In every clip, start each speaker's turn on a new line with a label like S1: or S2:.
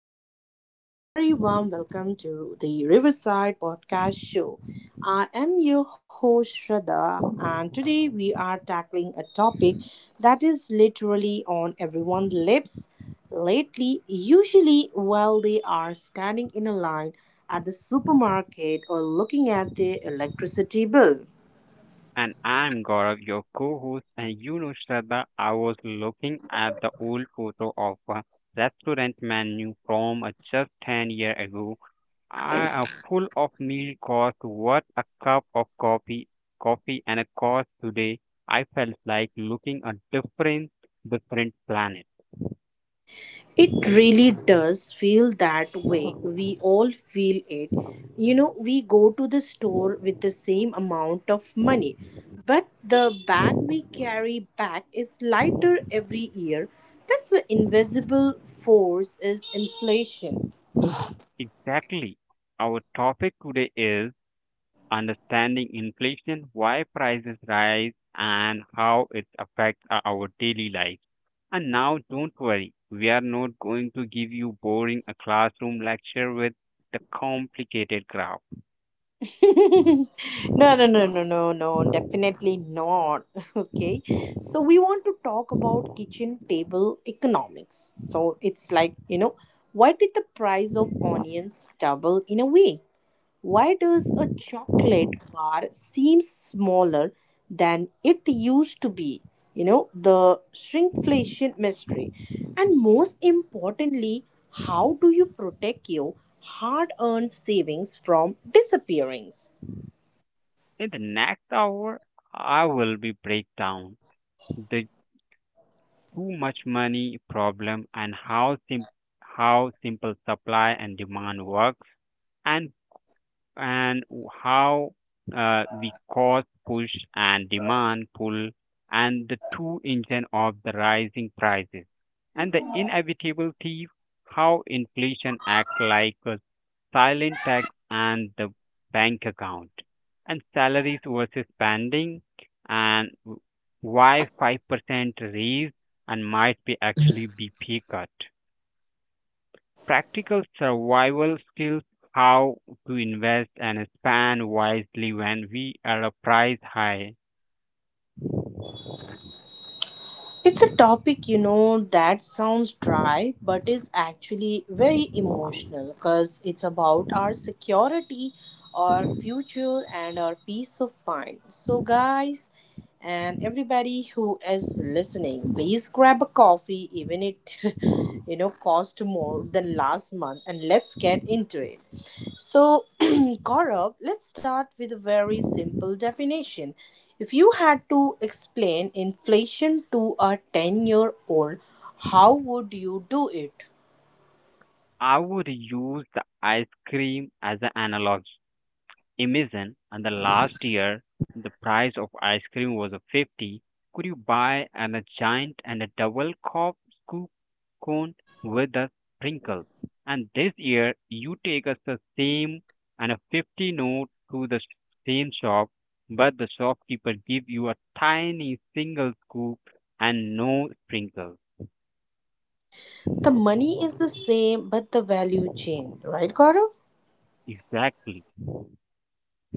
S1: everyone, and a very warm welcome to the Riverside Podcast Show. I am your host, Shraddha, and today we are tackling a topic that is literally on everyone's lips lately, usually while they are standing in a line at the supermarket or looking at their electricity bill.
S2: And I'm Gaurav, your co host. And you know, Shraddha, I was looking at the old photo of a restaurant menu from just 10 years ago. I am full of meal cost. What a cup of coffee, coffee and a cost today. I felt like looking a different planet.
S1: It really does feel that way. We all feel it. We go to the store with the same amount of money, but the bag we carry back is lighter every year. That's the invisible force is inflation.
S2: Exactly. Our topic today is understanding inflation, why prices rise, and how it affects our daily life. And now, don't worry, we are not going to give you boring a classroom lecture with the complicated graph.
S1: No, no, no, no, no, no, definitely not. Okay, so we want to talk about kitchen table economics. So it's like, why did the price of onions double in a week? Why does a chocolate bar seem smaller than it used to be? The shrinkflation mystery. And most importantly, how do you protect your hard earned savings from disappearing?
S2: In the next hour, I will be break down the too much money problem and how how simple supply and demand works and and how the cost push and demand pull and the two engine of the rising prices and the inevitable thief, how inflation act like a silent tax and the bank account and salaries versus spending and why 5% raise and might be actually be pay cut, practical survival skills, how to invest and spend wisely when we are priced high.
S1: It's a topic, that sounds dry but is actually very emotional because it's about our security, our future, and our peace of mind. So, guys, and everybody who is listening, please grab a coffee, even it, cost more than last month, and let's get into it. So, Gaurav, let's start with a very simple definition. If you had to explain inflation to a 10-year-old, how would you do it?
S2: I would use the ice cream as an analogy. Imagine, and the last year, the price of ice cream was a 50. Could you buy an, a giant and a double cup scoop cone with a sprinkle? And this year, you take us the same and a 50 note to the same shop, but the shopkeeper give you a tiny single scoop and no sprinkle.
S1: The money is the same, but the value changed, right, Gaurav?
S2: Exactly.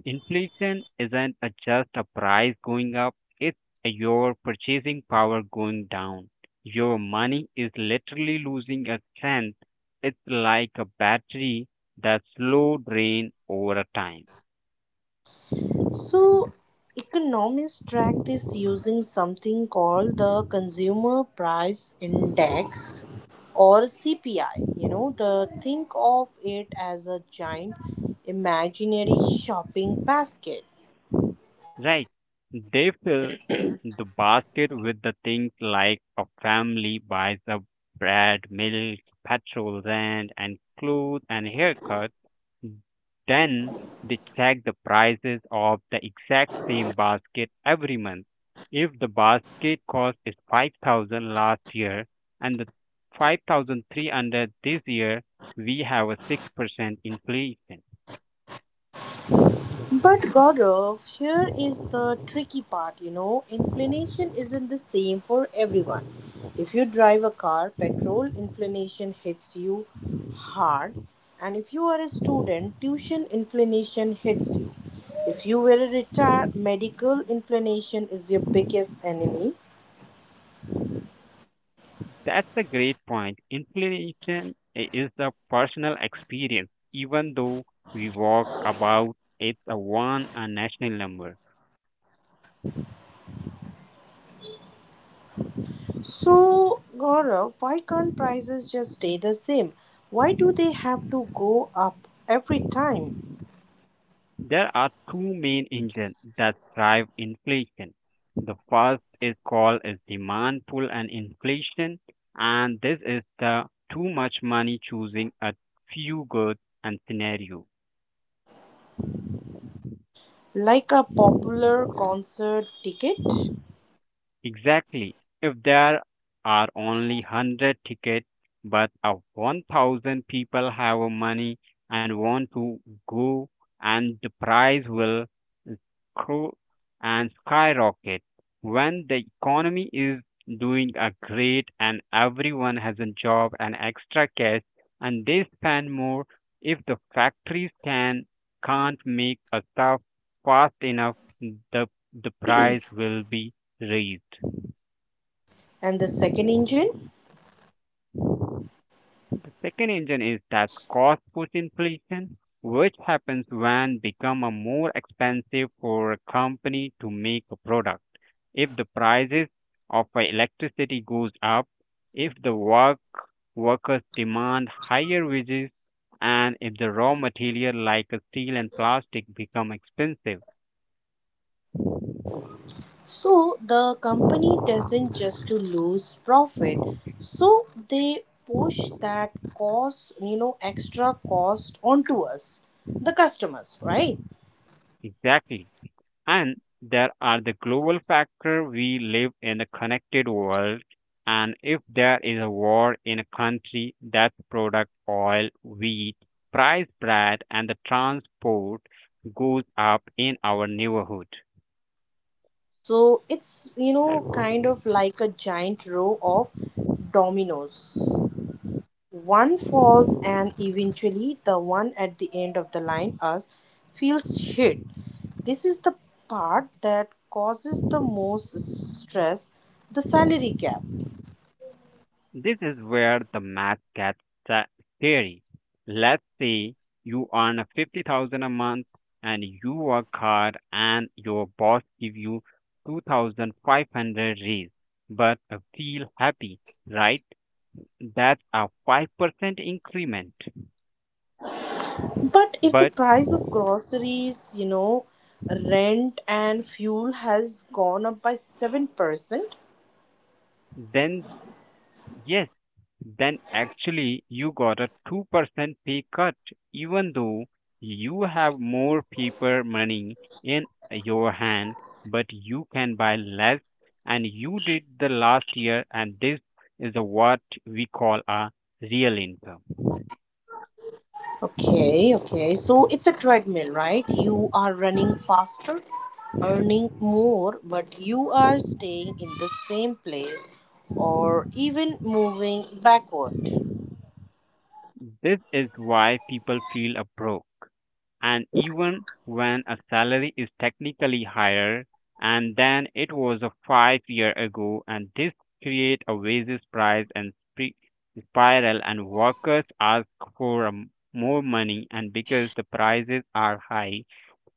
S2: Inflation isn't a just a price going up, it's your purchasing power going down. Your money is literally losing its strength. It's like a battery that slow drain over a time.
S1: So, economists track this using something called the Consumer Price Index or CPI. You know, the think of it as a giant imaginary shopping basket.
S2: Right? They fill the basket with the things like a family buys a bread, milk, petrol, rent, and clothes and haircut. Then they check the prices of the exact same basket every month. If the basket cost is 5,000 last year and the 5,300 this year, we have a 6% inflation.
S1: But Gaurav, here is the tricky part. Inflation isn't the same for everyone. If you drive a car, petrol inflation hits you hard, and if you are a student, tuition inflation hits you. If you were a retired, medical inflation is your biggest enemy.
S2: That's a great point. Inflation is a personal experience even though we walk about it's a one a national number.
S1: So, Gaurav, why can't prices just stay the same? Why do they have to go up every time?
S2: There are two main engines that drive inflation. The first is called is demand pull and inflation, and this is the too much money choosing a few goods and scenario.
S1: Like a popular concert ticket.
S2: Exactly. If there are only 100 tickets, but a 1,000 people have money and want to go, and the price will grow and skyrocket. When the economy is doing a great and everyone has a job and extra cash and they spend more, if the factories can can't make a stuff fast enough, the the price will be raised.
S1: And the second engine.
S2: Second engine is that cost push inflation, which happens when become a more expensive for a company to make a product. If the prices of electricity goes up, if the workers demand higher wages, and if the raw material like steel and plastic become expensive.
S1: So the company doesn't just to lose profit, so they push that cost, extra cost onto us, the customers, right?
S2: Exactly. And there are the global factor, we live in a connected world, and if there is a war in a country, that product oil, wheat, price bread, and the transport goes up in our neighborhood.
S1: So it's kind of like a giant row of dominoes. One falls and eventually the one at the end of the line, us, feels shit. This is the part that causes the most stress, the salary gap.
S2: This is where the math gets sa- scary. Let's say you earn a 50,000 a month and you work hard and your boss give you 2,500 raise but feel happy, right? That's a 5% increment.
S1: But if the
S2: But
S1: price of groceries, rent and fuel has gone up by 7%.
S2: then yes, then actually you got a 2% pay cut, even though you have more paper money in your hand, but you can buy less. And you did the last year, and this is a what we call a real income.
S1: Okay, okay. So it's a treadmill, right? You are running faster, earning more, but you are staying in the same place or even moving backward.
S2: This is why people feel a broke. And even when a salary is technically higher and than it was a 5 year ago, and this create a wages price and spri- spiral, and workers ask for more money, and because the prices are high,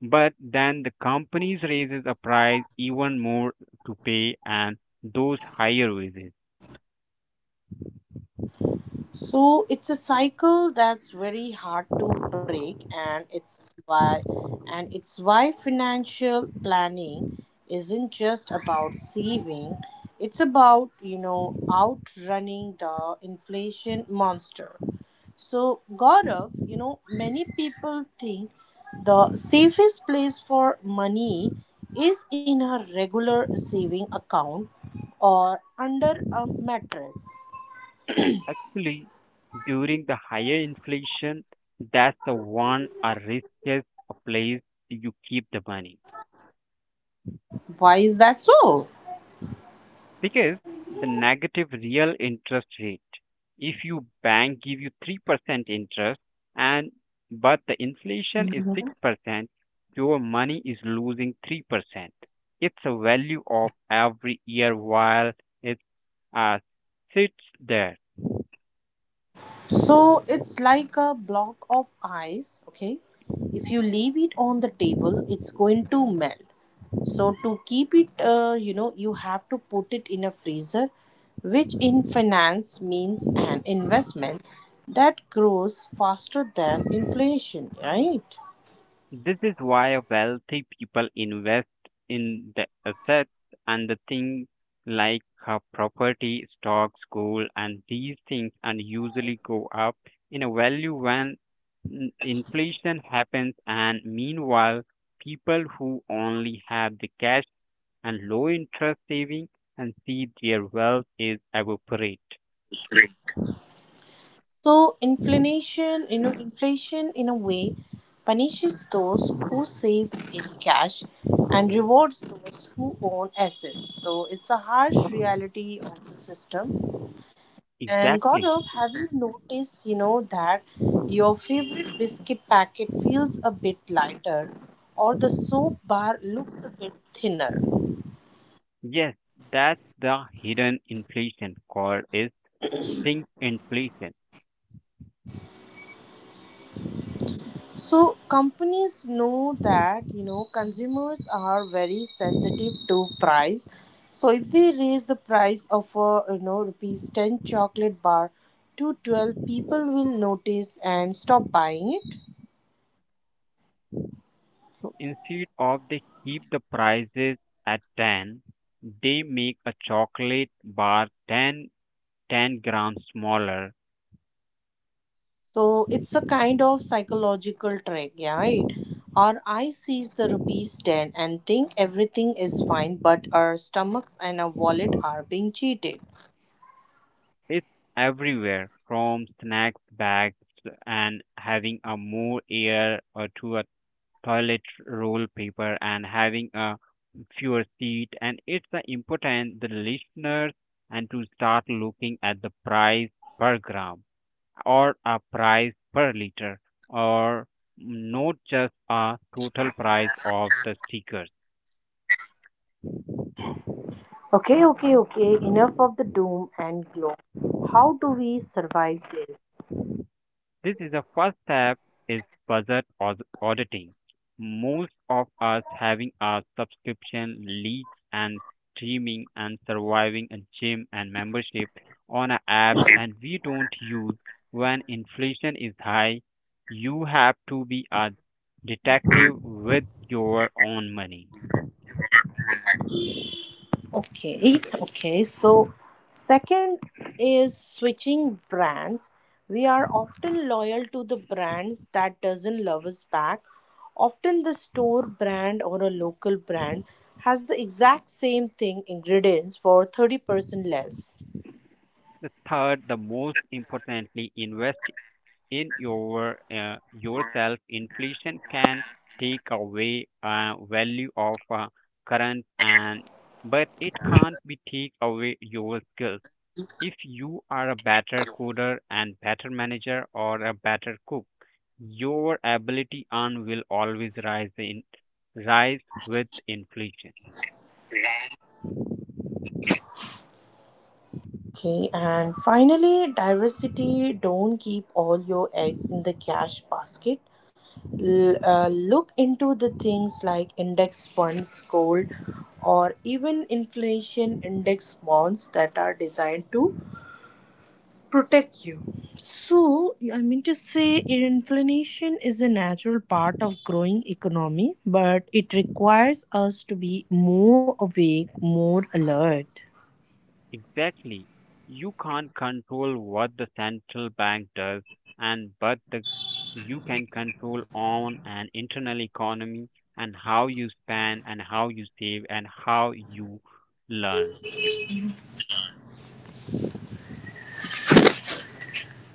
S2: but then the companies raises a price even more to pay and those higher wages.
S1: So it's a cycle that's very hard to break, and it's why financial planning isn't just about saving, it's about outrunning the inflation monster. So, Gaurav, many people think the safest place for money is in a regular saving account or under a mattress.
S2: Actually, during the higher inflation, that's the one or riskiest place you keep the money
S1: Why is that so?
S2: because the negative real interest rate. If you bank give you 3% interest and but the inflation is 6%, your money is losing 3%. It's a value of every year while it uh, sits there.
S1: So it's like a block of ice, okay? If you leave it on the table, it's going to melt. So to keep it, you have to put it in a freezer, which in finance means an investment that grows faster than inflation, right?
S2: This is why wealthy people invest in the assets and the things like property, stocks, gold, and these things and usually go up in a value when inflation happens. And meanwhile, people who only have the cash and low interest saving and see their wealth is evaporate.
S1: So inflation in a way punishes those who save in cash and rewards those who own assets. So it's a harsh reality of the system. And
S2: Exactly.
S1: Gaurav, have you noticed that your favorite biscuit packet feels a bit lighter or the soap bar looks a bit thinner?
S2: Yes, that's the hidden inflation called is sink inflation.
S1: So companies know that consumers are very sensitive to price. So if they raise the price of a 10 rupees chocolate bar to 12, people will notice and stop buying it.
S2: So instead of they keep the prices at 10, they make a chocolate bar 10, 10 grams smaller.
S1: So it's a kind of psychological trick, yeah. Right? Our eye sees the 10 rupees and think everything is fine, but our stomachs and our wallet are being cheated.
S2: It's everywhere from snacks bags and having a more air or to a toilet roll paper and having a fewer seat, and it's important the listeners and to start looking at the price per gram or a price per liter or not just a total price of the stickers.
S1: Okay, okay, okay. Enough of the doom and gloom. How do we survive this?
S2: This is the first step is budget auditing. Most of us having a subscription, leagues and streaming and surviving a gym and membership on a apps and we don't use when inflation is high. You have to be a detective with your own money.
S1: Okay, okay. So, second is switching brands. We are often loyal to the brands that doesn't love us back. Often the store brand or a local brand has the exact same thing ingredients for 30% less.
S2: The third, the most importantly, invest in your yourself. Inflation can take away value of current and but it can't be take away your skills. If you are a better coder and better manager or a better cook, your ability and will always rise in rise with inflation.
S1: Okay, and finally, diversity. Don't keep all your eggs in the cash basket. Look into the things like index funds, gold, or even inflation index bonds that are designed to protect you. So, I mean to say, inflation is a natural part of growing economy, but it requires us to be more awake, more alert.
S2: Exactly. You can't control what the central bank does, and but the, you can control on an internal economy and how you spend and how you save and how you learn.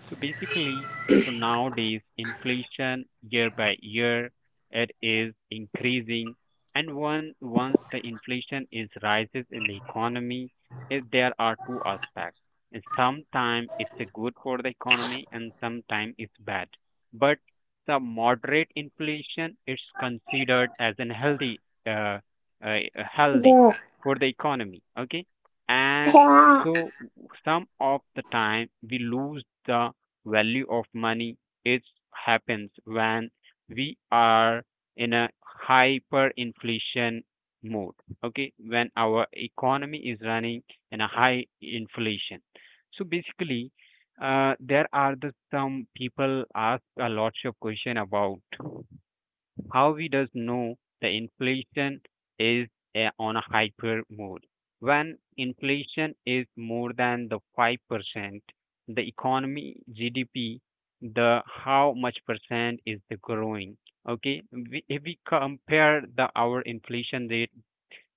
S2: So basically, so nowadays inflation year by year it is increasing, and one once the inflation is rises in the economy, it, there are two aspects. Sometimes it's a good for the economy, and sometimes it's bad. But the moderate inflation is considered as an healthy, uh, healthy for the economy. Okay, and
S1: Mhm.
S2: so some of the time we lose the value of money is happens when we are in a hyperinflation mode. Okay, when our economy is running in a high inflation. So basically, there are the some people ask a lots of question about how we does know the inflation is on a hyper mode. When inflation is more than the 5%, the economy GDP, the how much percent is the growing. Okay, if we compare the our inflation rate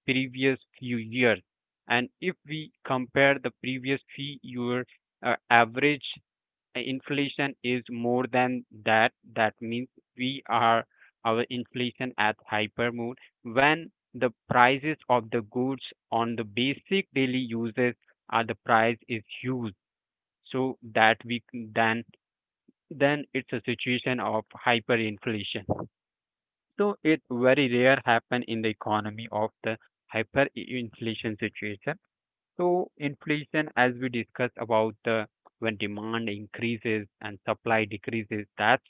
S2: previous few years, and if we compare the previous few year average inflation is more than that, that means we are our inflation at hyper mode. When the prices of the goods on the basic daily uses are the price is huge, so that we then it's a situation of hyperinflation. So it very rare happen in the economy of the hyperinflation situation. So inflation, as we discussed about the when demand increases and supply decreases,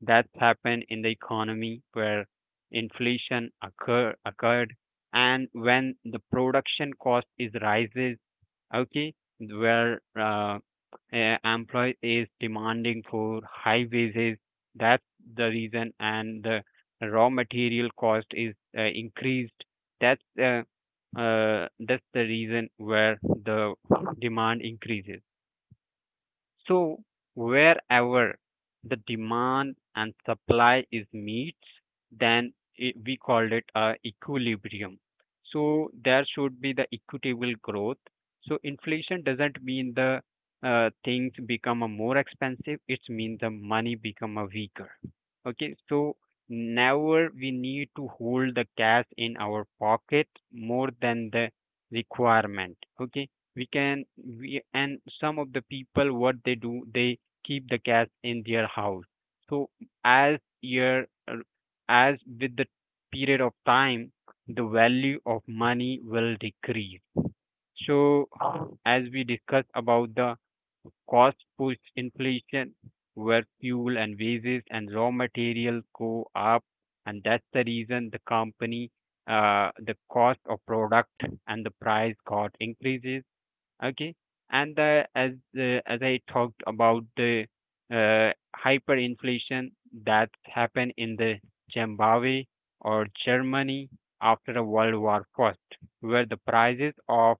S2: that's happened in the economy where inflation occurred, and when the production cost is rises. Okay, where a employee is demanding for high wages. That's the reason, and the raw material cost is increased. That's uh, that's the reason where the demand increases. So wherever the demand and supply is meets, then we called it a equilibrium. So there should be the equitable growth. So inflation doesn't mean the things become a more expensive. It means the money become a weaker. Okay, so never we need to hold the cash in our pocket more than the requirement. Okay, we can we and some of the people what they do they keep the cats in their house. So as year uh, as with the period of time the value of money will decrease. So as we discussed about the cost push inflation, where fuel and wages and raw materials go up, and that's the reason the company, the cost of product and the price got increases. Okay, and the, as I talked about the uh, hyperinflation that happened in the Zimbabwe or Germany after the world war first, where the prices of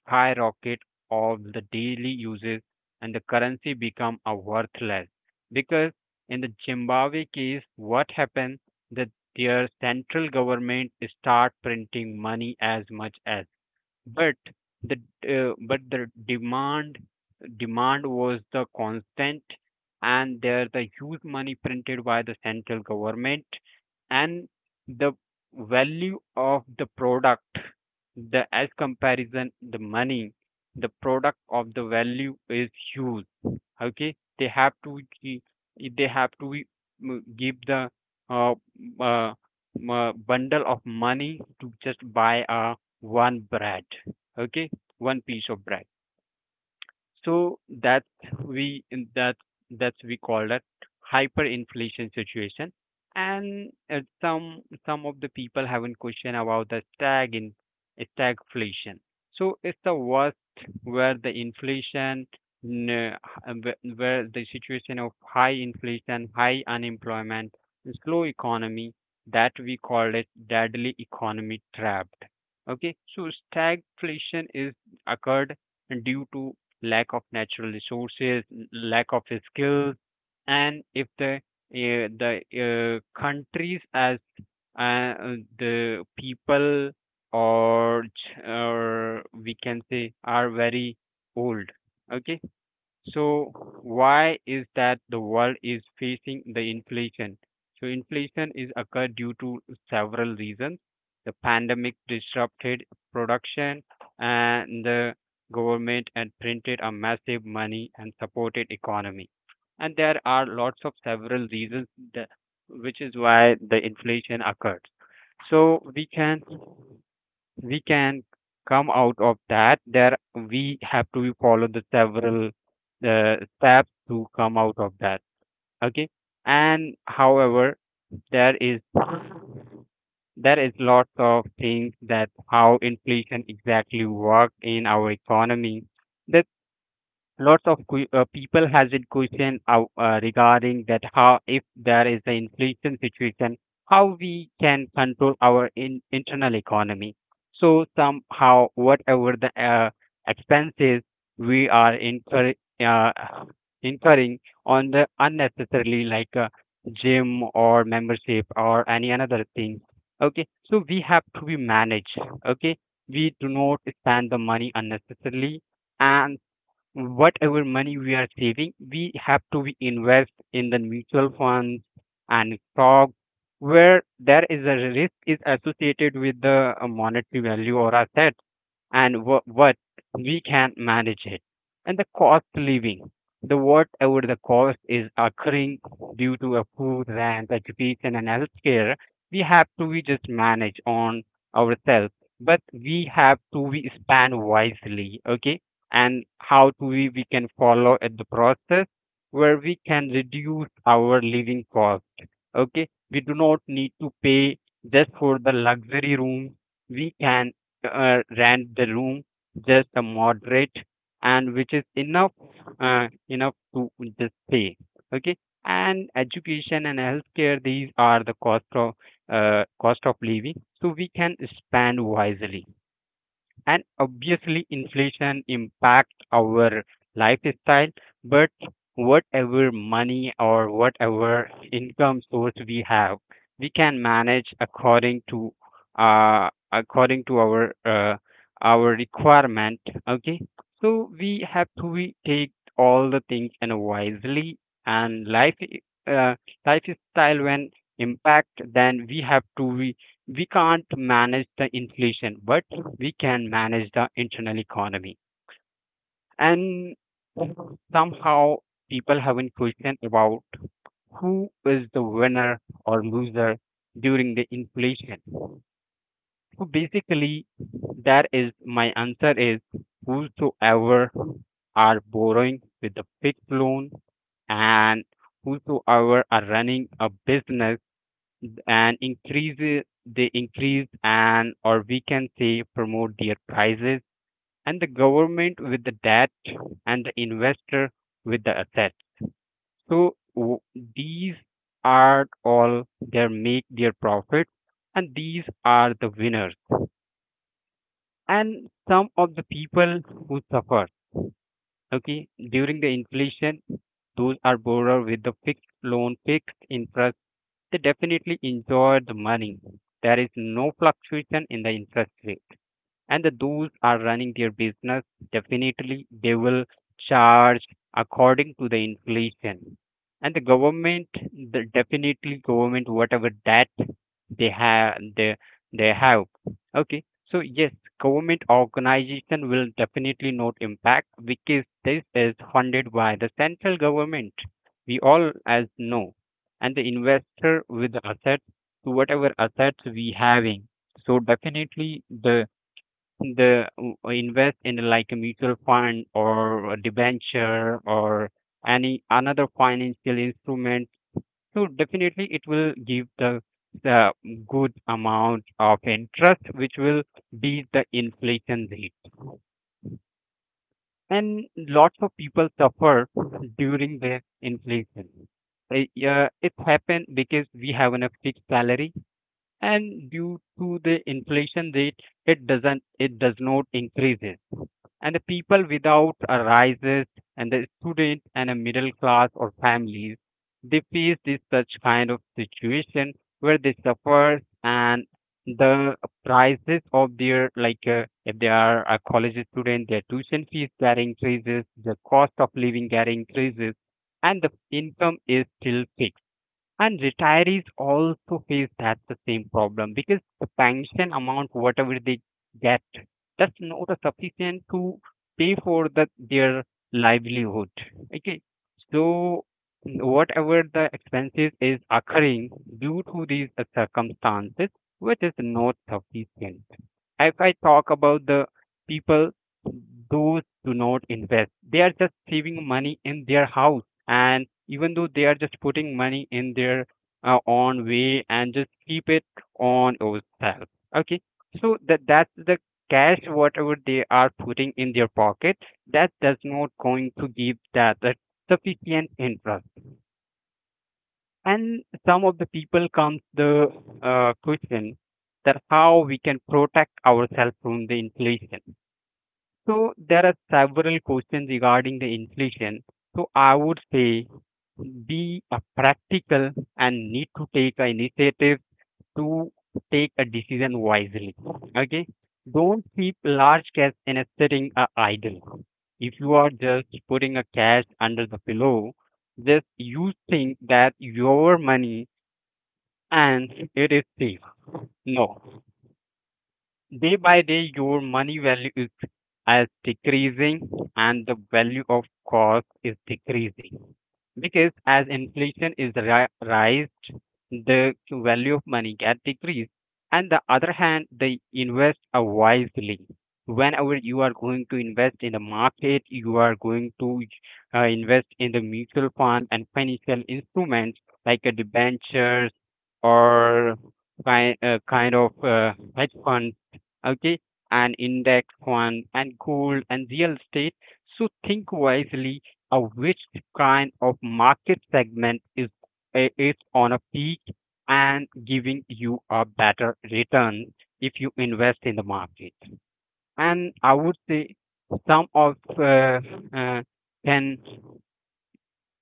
S2: skyrocket of the daily uses and the currency become a worthless. Because in the Zimbabwe case what happened that their central government start printing money as much as, but the but the demand was the constant, and there the huge money printed by the central government, and the value of the product, the as comparison the money, the product of the value is huge. Okay, they they have to give the uh, uh, bundle of money to just buy one bread. Okay, one piece of bread. So that we in that that we call that hyperinflation situation. And some of the people have a question about the stagflation. So it's the worst where the inflation n- uh, where the situation of high inflation, high unemployment, slow economy that we call it deadly economy trapped. Okay, so stagflation is occurred due to lack of natural resources, lack of skills, and if the countries as uh, the people or we can say are very old. Okay, so why is that the world is facing the inflation? So inflation is occurred due to several reasons. The pandemic disrupted production and the government and printed a massive money and supported economy. And there are lots of several reasons that, which is why the inflation occurred. So we can come out of that there we have to follow the several steps to come out of that. Okay, and however there is there is lots of things that how inflation exactly work in our economy. The lots of people has been question out, regarding that how if there is the inflation situation, how we can control our in, internal economy. So somehow whatever the expenses we are uh, incurring on the unnecessarily like gym or membership or any another thing. Okay, so we have to be managed. Okay, we do not spend the money unnecessarily, and whatever money we are saving, we have to be invest in the mutual funds and stock where there is a risk is associated with the monetary value or asset. And what we can manage it, and the cost living, the whatever the cost is occurring due to a food rent education and healthcare, we have to we just manage on ourselves, but we have to we spend wisely. Okay, and how do we can follow at the process where we can reduce our living cost. Okay, we do not need to pay just for the luxury room. We can rent the room just a moderate, and which is enough enough to just pay. Okay, and education and healthcare, these are the cost of living, so we can spend wisely. And obviously inflation impacts our lifestyle, but whatever money or whatever income source we have, we can manage according to according to our requirement. Okay, so we have to we take all the things and wisely. And lifestyle when impact, then we have to we can't manage the inflation, but we can manage the internal economy. And somehow people haven't questioned about who is the winner or loser during the inflation. So basically, that is my answer is whosoever are borrowing with a fixed loan, and whosoever are running a business and increase they increase and or we can say promote their prices, and the government with the debt, and the investor with the asset, so these are all their make their profit, and these are the winners. And some of the people who suffer, okay, during the inflation, those are borrower with the fixed loan fixed interest, they definitely enjoy the money. There is no fluctuation in the interest rate, and the, those are running their business, definitely they will charge according to the inflation. And the government, the definitely government whatever that they have they, they have. Okay, so yes, government organization will definitely not impact because this is funded by the central government, we all as know. And the investor with the assets to whatever assets we having, so definitely the the w- invest in like a mutual fund or a debenture or any another financial instrument, so definitely it will give the good amount of interest which will beat the inflation rate. And lots of people suffer during the inflation. Uh, yeah, it happened because we have a fixed salary, and due to the inflation rate, it does not increase. And the people without a rises, and the student and a middle class or families, they face this such kind of situation where they suffer. And the prices of their like if they are a college student, their tuition fees that increases, the cost of living that increases, and the income is still fixed. And retirees also face that the same problem because the pension amount, whatever they get, that's not a sufficient to pay for their livelihood. Okay, so whatever the expenses is occurring due to these circumstances, which is not sufficient. If I talk about the people, those do not invest. They are just saving money in their house, and even though they are just putting money in their own way and just keep it on yourself. Okay, so that's the cash whatever they are putting in their pocket, that does not going to give that sufficient interest. And some of the people comes the question that how we can protect ourselves from the inflation. So there are several questions regarding the inflation. So I would say be a practical and need to take an initiative to take a decision wisely. Okay, don't keep large cash in a sitting idle. If you are just putting a cash under the pillow, just you think that your money and it is cheap. No. Day by day, your money value is as decreasing, and the value of cost is decreasing. Because as inflation is raised, the value of money get decreased. And the other hand, they invest wisely. Whenever you are going to invest in the market, you are going to invest in the mutual fund and financial instruments like a debentures or kind of hedge fund, okay, and index fund and gold and real estate. So think wisely of which kind of market segment is is on a peak and giving you a better return if you invest in the market. And I would say some of uh, can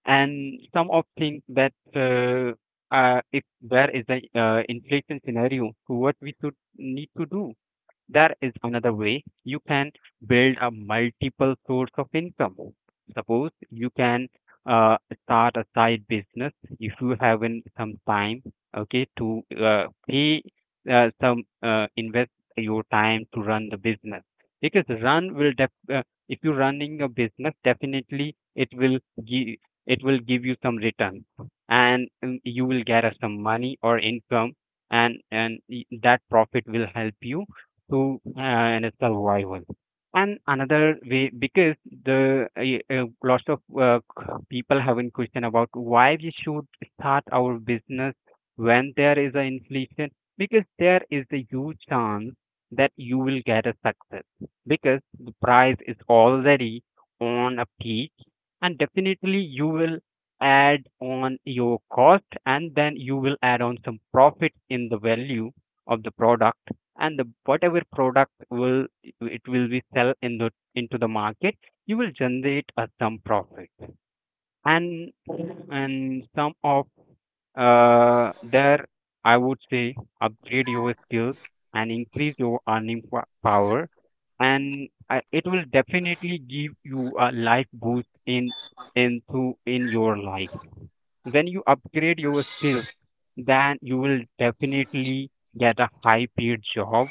S2: and some of things that if there is a inflation scenario, so what we should need to do. There is another way you can build a multiple source of income. Suppose you can uh, start a side business if you have in some time, okay, to pay some invest your time to run the business. Because if you're running a business, definitely give it will give you some return. And you will get some money or income, and that profit will help you to and survival. And another way, because the lots of people have in question about why we should start our business when there is an inflation, because there is a huge chance that you will get a success because the price is already on a peak, and definitely you will add on your cost and then you will add on some profit in the value of the product. And the whatever product will it will be sell in the into the market, you will generate a some profit. and and some of there I would say upgrade your skills and increase your power. And it will definitely give you a life boost in into in your life. When you upgrade your skills, then you will definitely get a high paid job.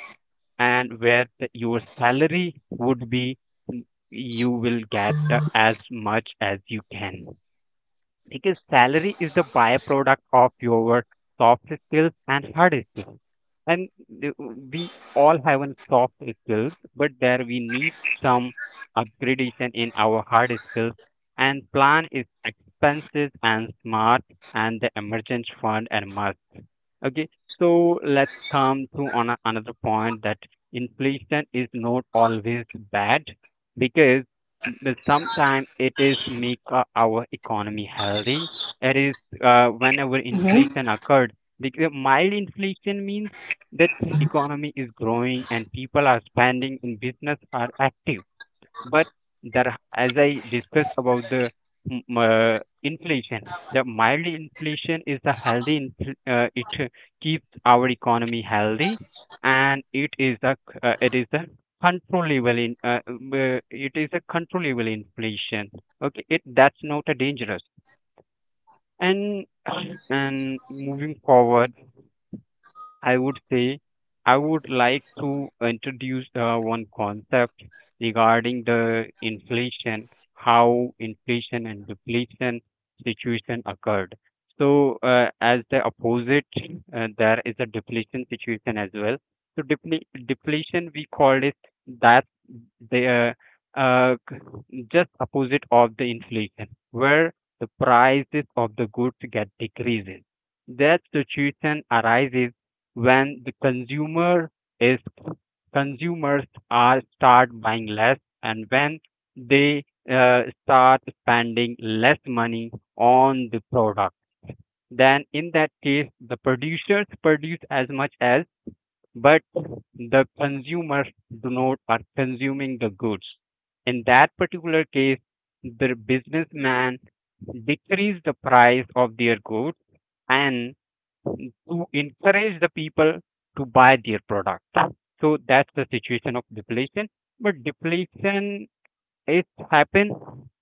S2: And where your salary would be, you will get as much as you can, because salary is the byproduct of your soft skills and hard skills. And we all have an soft skills, but there we need some upgradation in our hard skills and plan is expenses and smart and the emergency fund and okay. So let's come to on another point that inflation is not always bad, because sometimes it is make our economy healthy. It is whenever inflation occurred, because mild inflation means that economy is growing and people are spending and business are active. But there, as I discussed about the inflation, the mild inflation is the healthy. It keeps our economy healthy, and it is it is the controllable in it is a controllable inflation. Okay, it that's not a dangerous. And and moving forward, I would say I would like to introduce one concept regarding the inflation, how inflation and deflation situation occurred. So, as the opposite, there is a deflation situation as well. So, deflation we called it that the just opposite of the inflation, where the prices of the goods get decreases. That situation arises when the consumer is consumers are start buying less, and when they start spending less money on the product, then in that case the producers produce as much as, but the consumers do not are consuming the goods. In that particular case, the businessman decrease the price of their goods and to encourage the people to buy their product. So that's the situation of deflation. But deflation it happens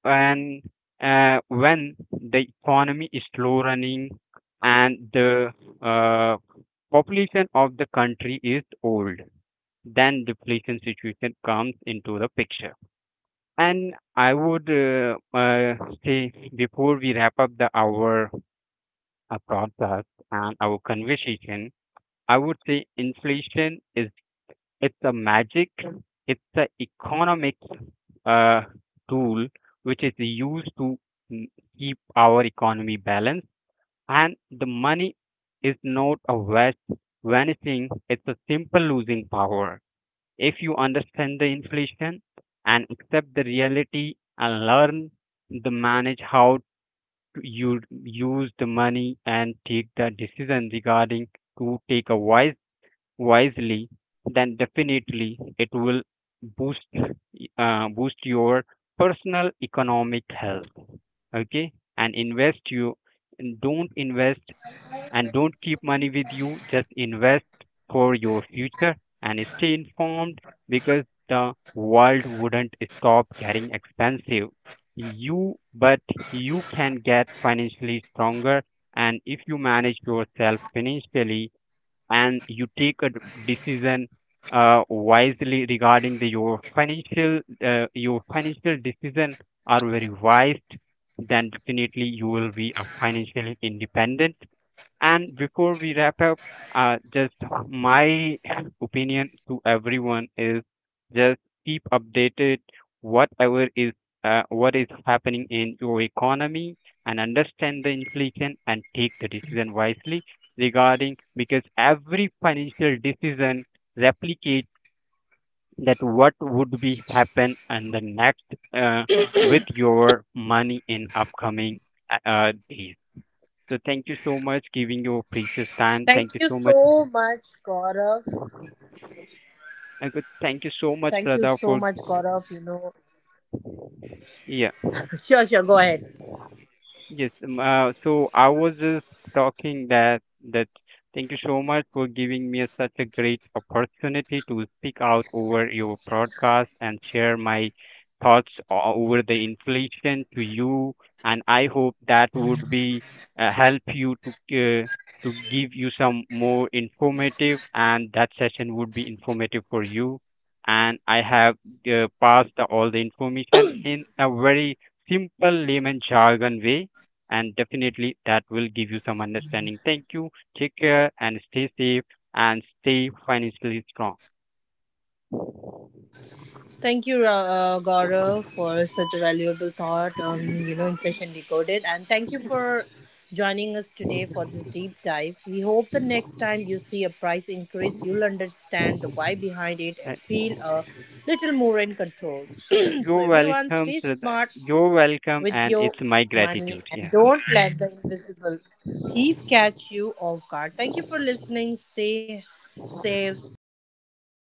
S2: when when the economy is slow running and the uh, population of the country is old. Then deflation situation comes into the picture. And I would say before we wrap up the our podcast and our conversation, I would say inflation is it's a magic, it's an economic uh, tool which is used to mm, keep our economy balanced, and the money is not a vast vanishing; it's a simple losing power. If you understand the inflation and accept the reality and learn the manage how to you use the money and take the decision regarding to take a wisely, then definitely it will boost boost your personal economic health. Okay, and invest you and don't invest and don't keep money with you. Just invest for your future and stay informed, because the world wouldn't stop getting expensive. You but you can get financially stronger. And if you manage yourself financially and you take a decision wisely regarding the your financial decision are very wise, then definitely you will be a financially independent. And before we wrap up, just my opinion to everyone is just keep updated whatever is what is happening in your economy, and understand the inflation and take the decision wisely regarding, because every financial decision replicates that what would be happen and the next uh, with your money in upcoming days. So thank you so much giving your precious time.
S1: Thank
S2: Thank
S1: you
S2: you so much.
S1: so much, Gaurav.
S2: I could thank you so much,
S1: Thank you
S2: Radha,
S1: so
S2: for
S1: much, Gaurav. You know,
S2: yeah.
S1: sure, sure. Go ahead.
S2: Yes, so I was just talking that thank you so much for giving me such a great opportunity to speak out over your broadcast and share my thoughts over the inflation to you. And I hope that would be help you to give you some more informative, and that session would be informative for you. And I have passed all the information in a very simple layman jargon way, and definitely that will give you some understanding. Thank you. Take care and stay safe and stay financially strong.
S1: Thank you, Gaurav, for such a valuable thought on inflation decoded, and thank you for joining us today for this deep dive. We hope the next time you see a price increase, you'll understand the why behind it
S2: Uh,
S1: and feel a little more in control. So
S2: You're
S1: everyone,
S2: welcome,
S1: stay
S2: Shraddha.
S1: smart
S2: You're welcome,
S1: with
S2: and
S1: your
S2: it's my
S1: money
S2: gratitude.
S1: and
S2: Yeah.
S1: don't let the invisible thief catch you off guard. Thank you for listening. Stay safe. Take care. Have a good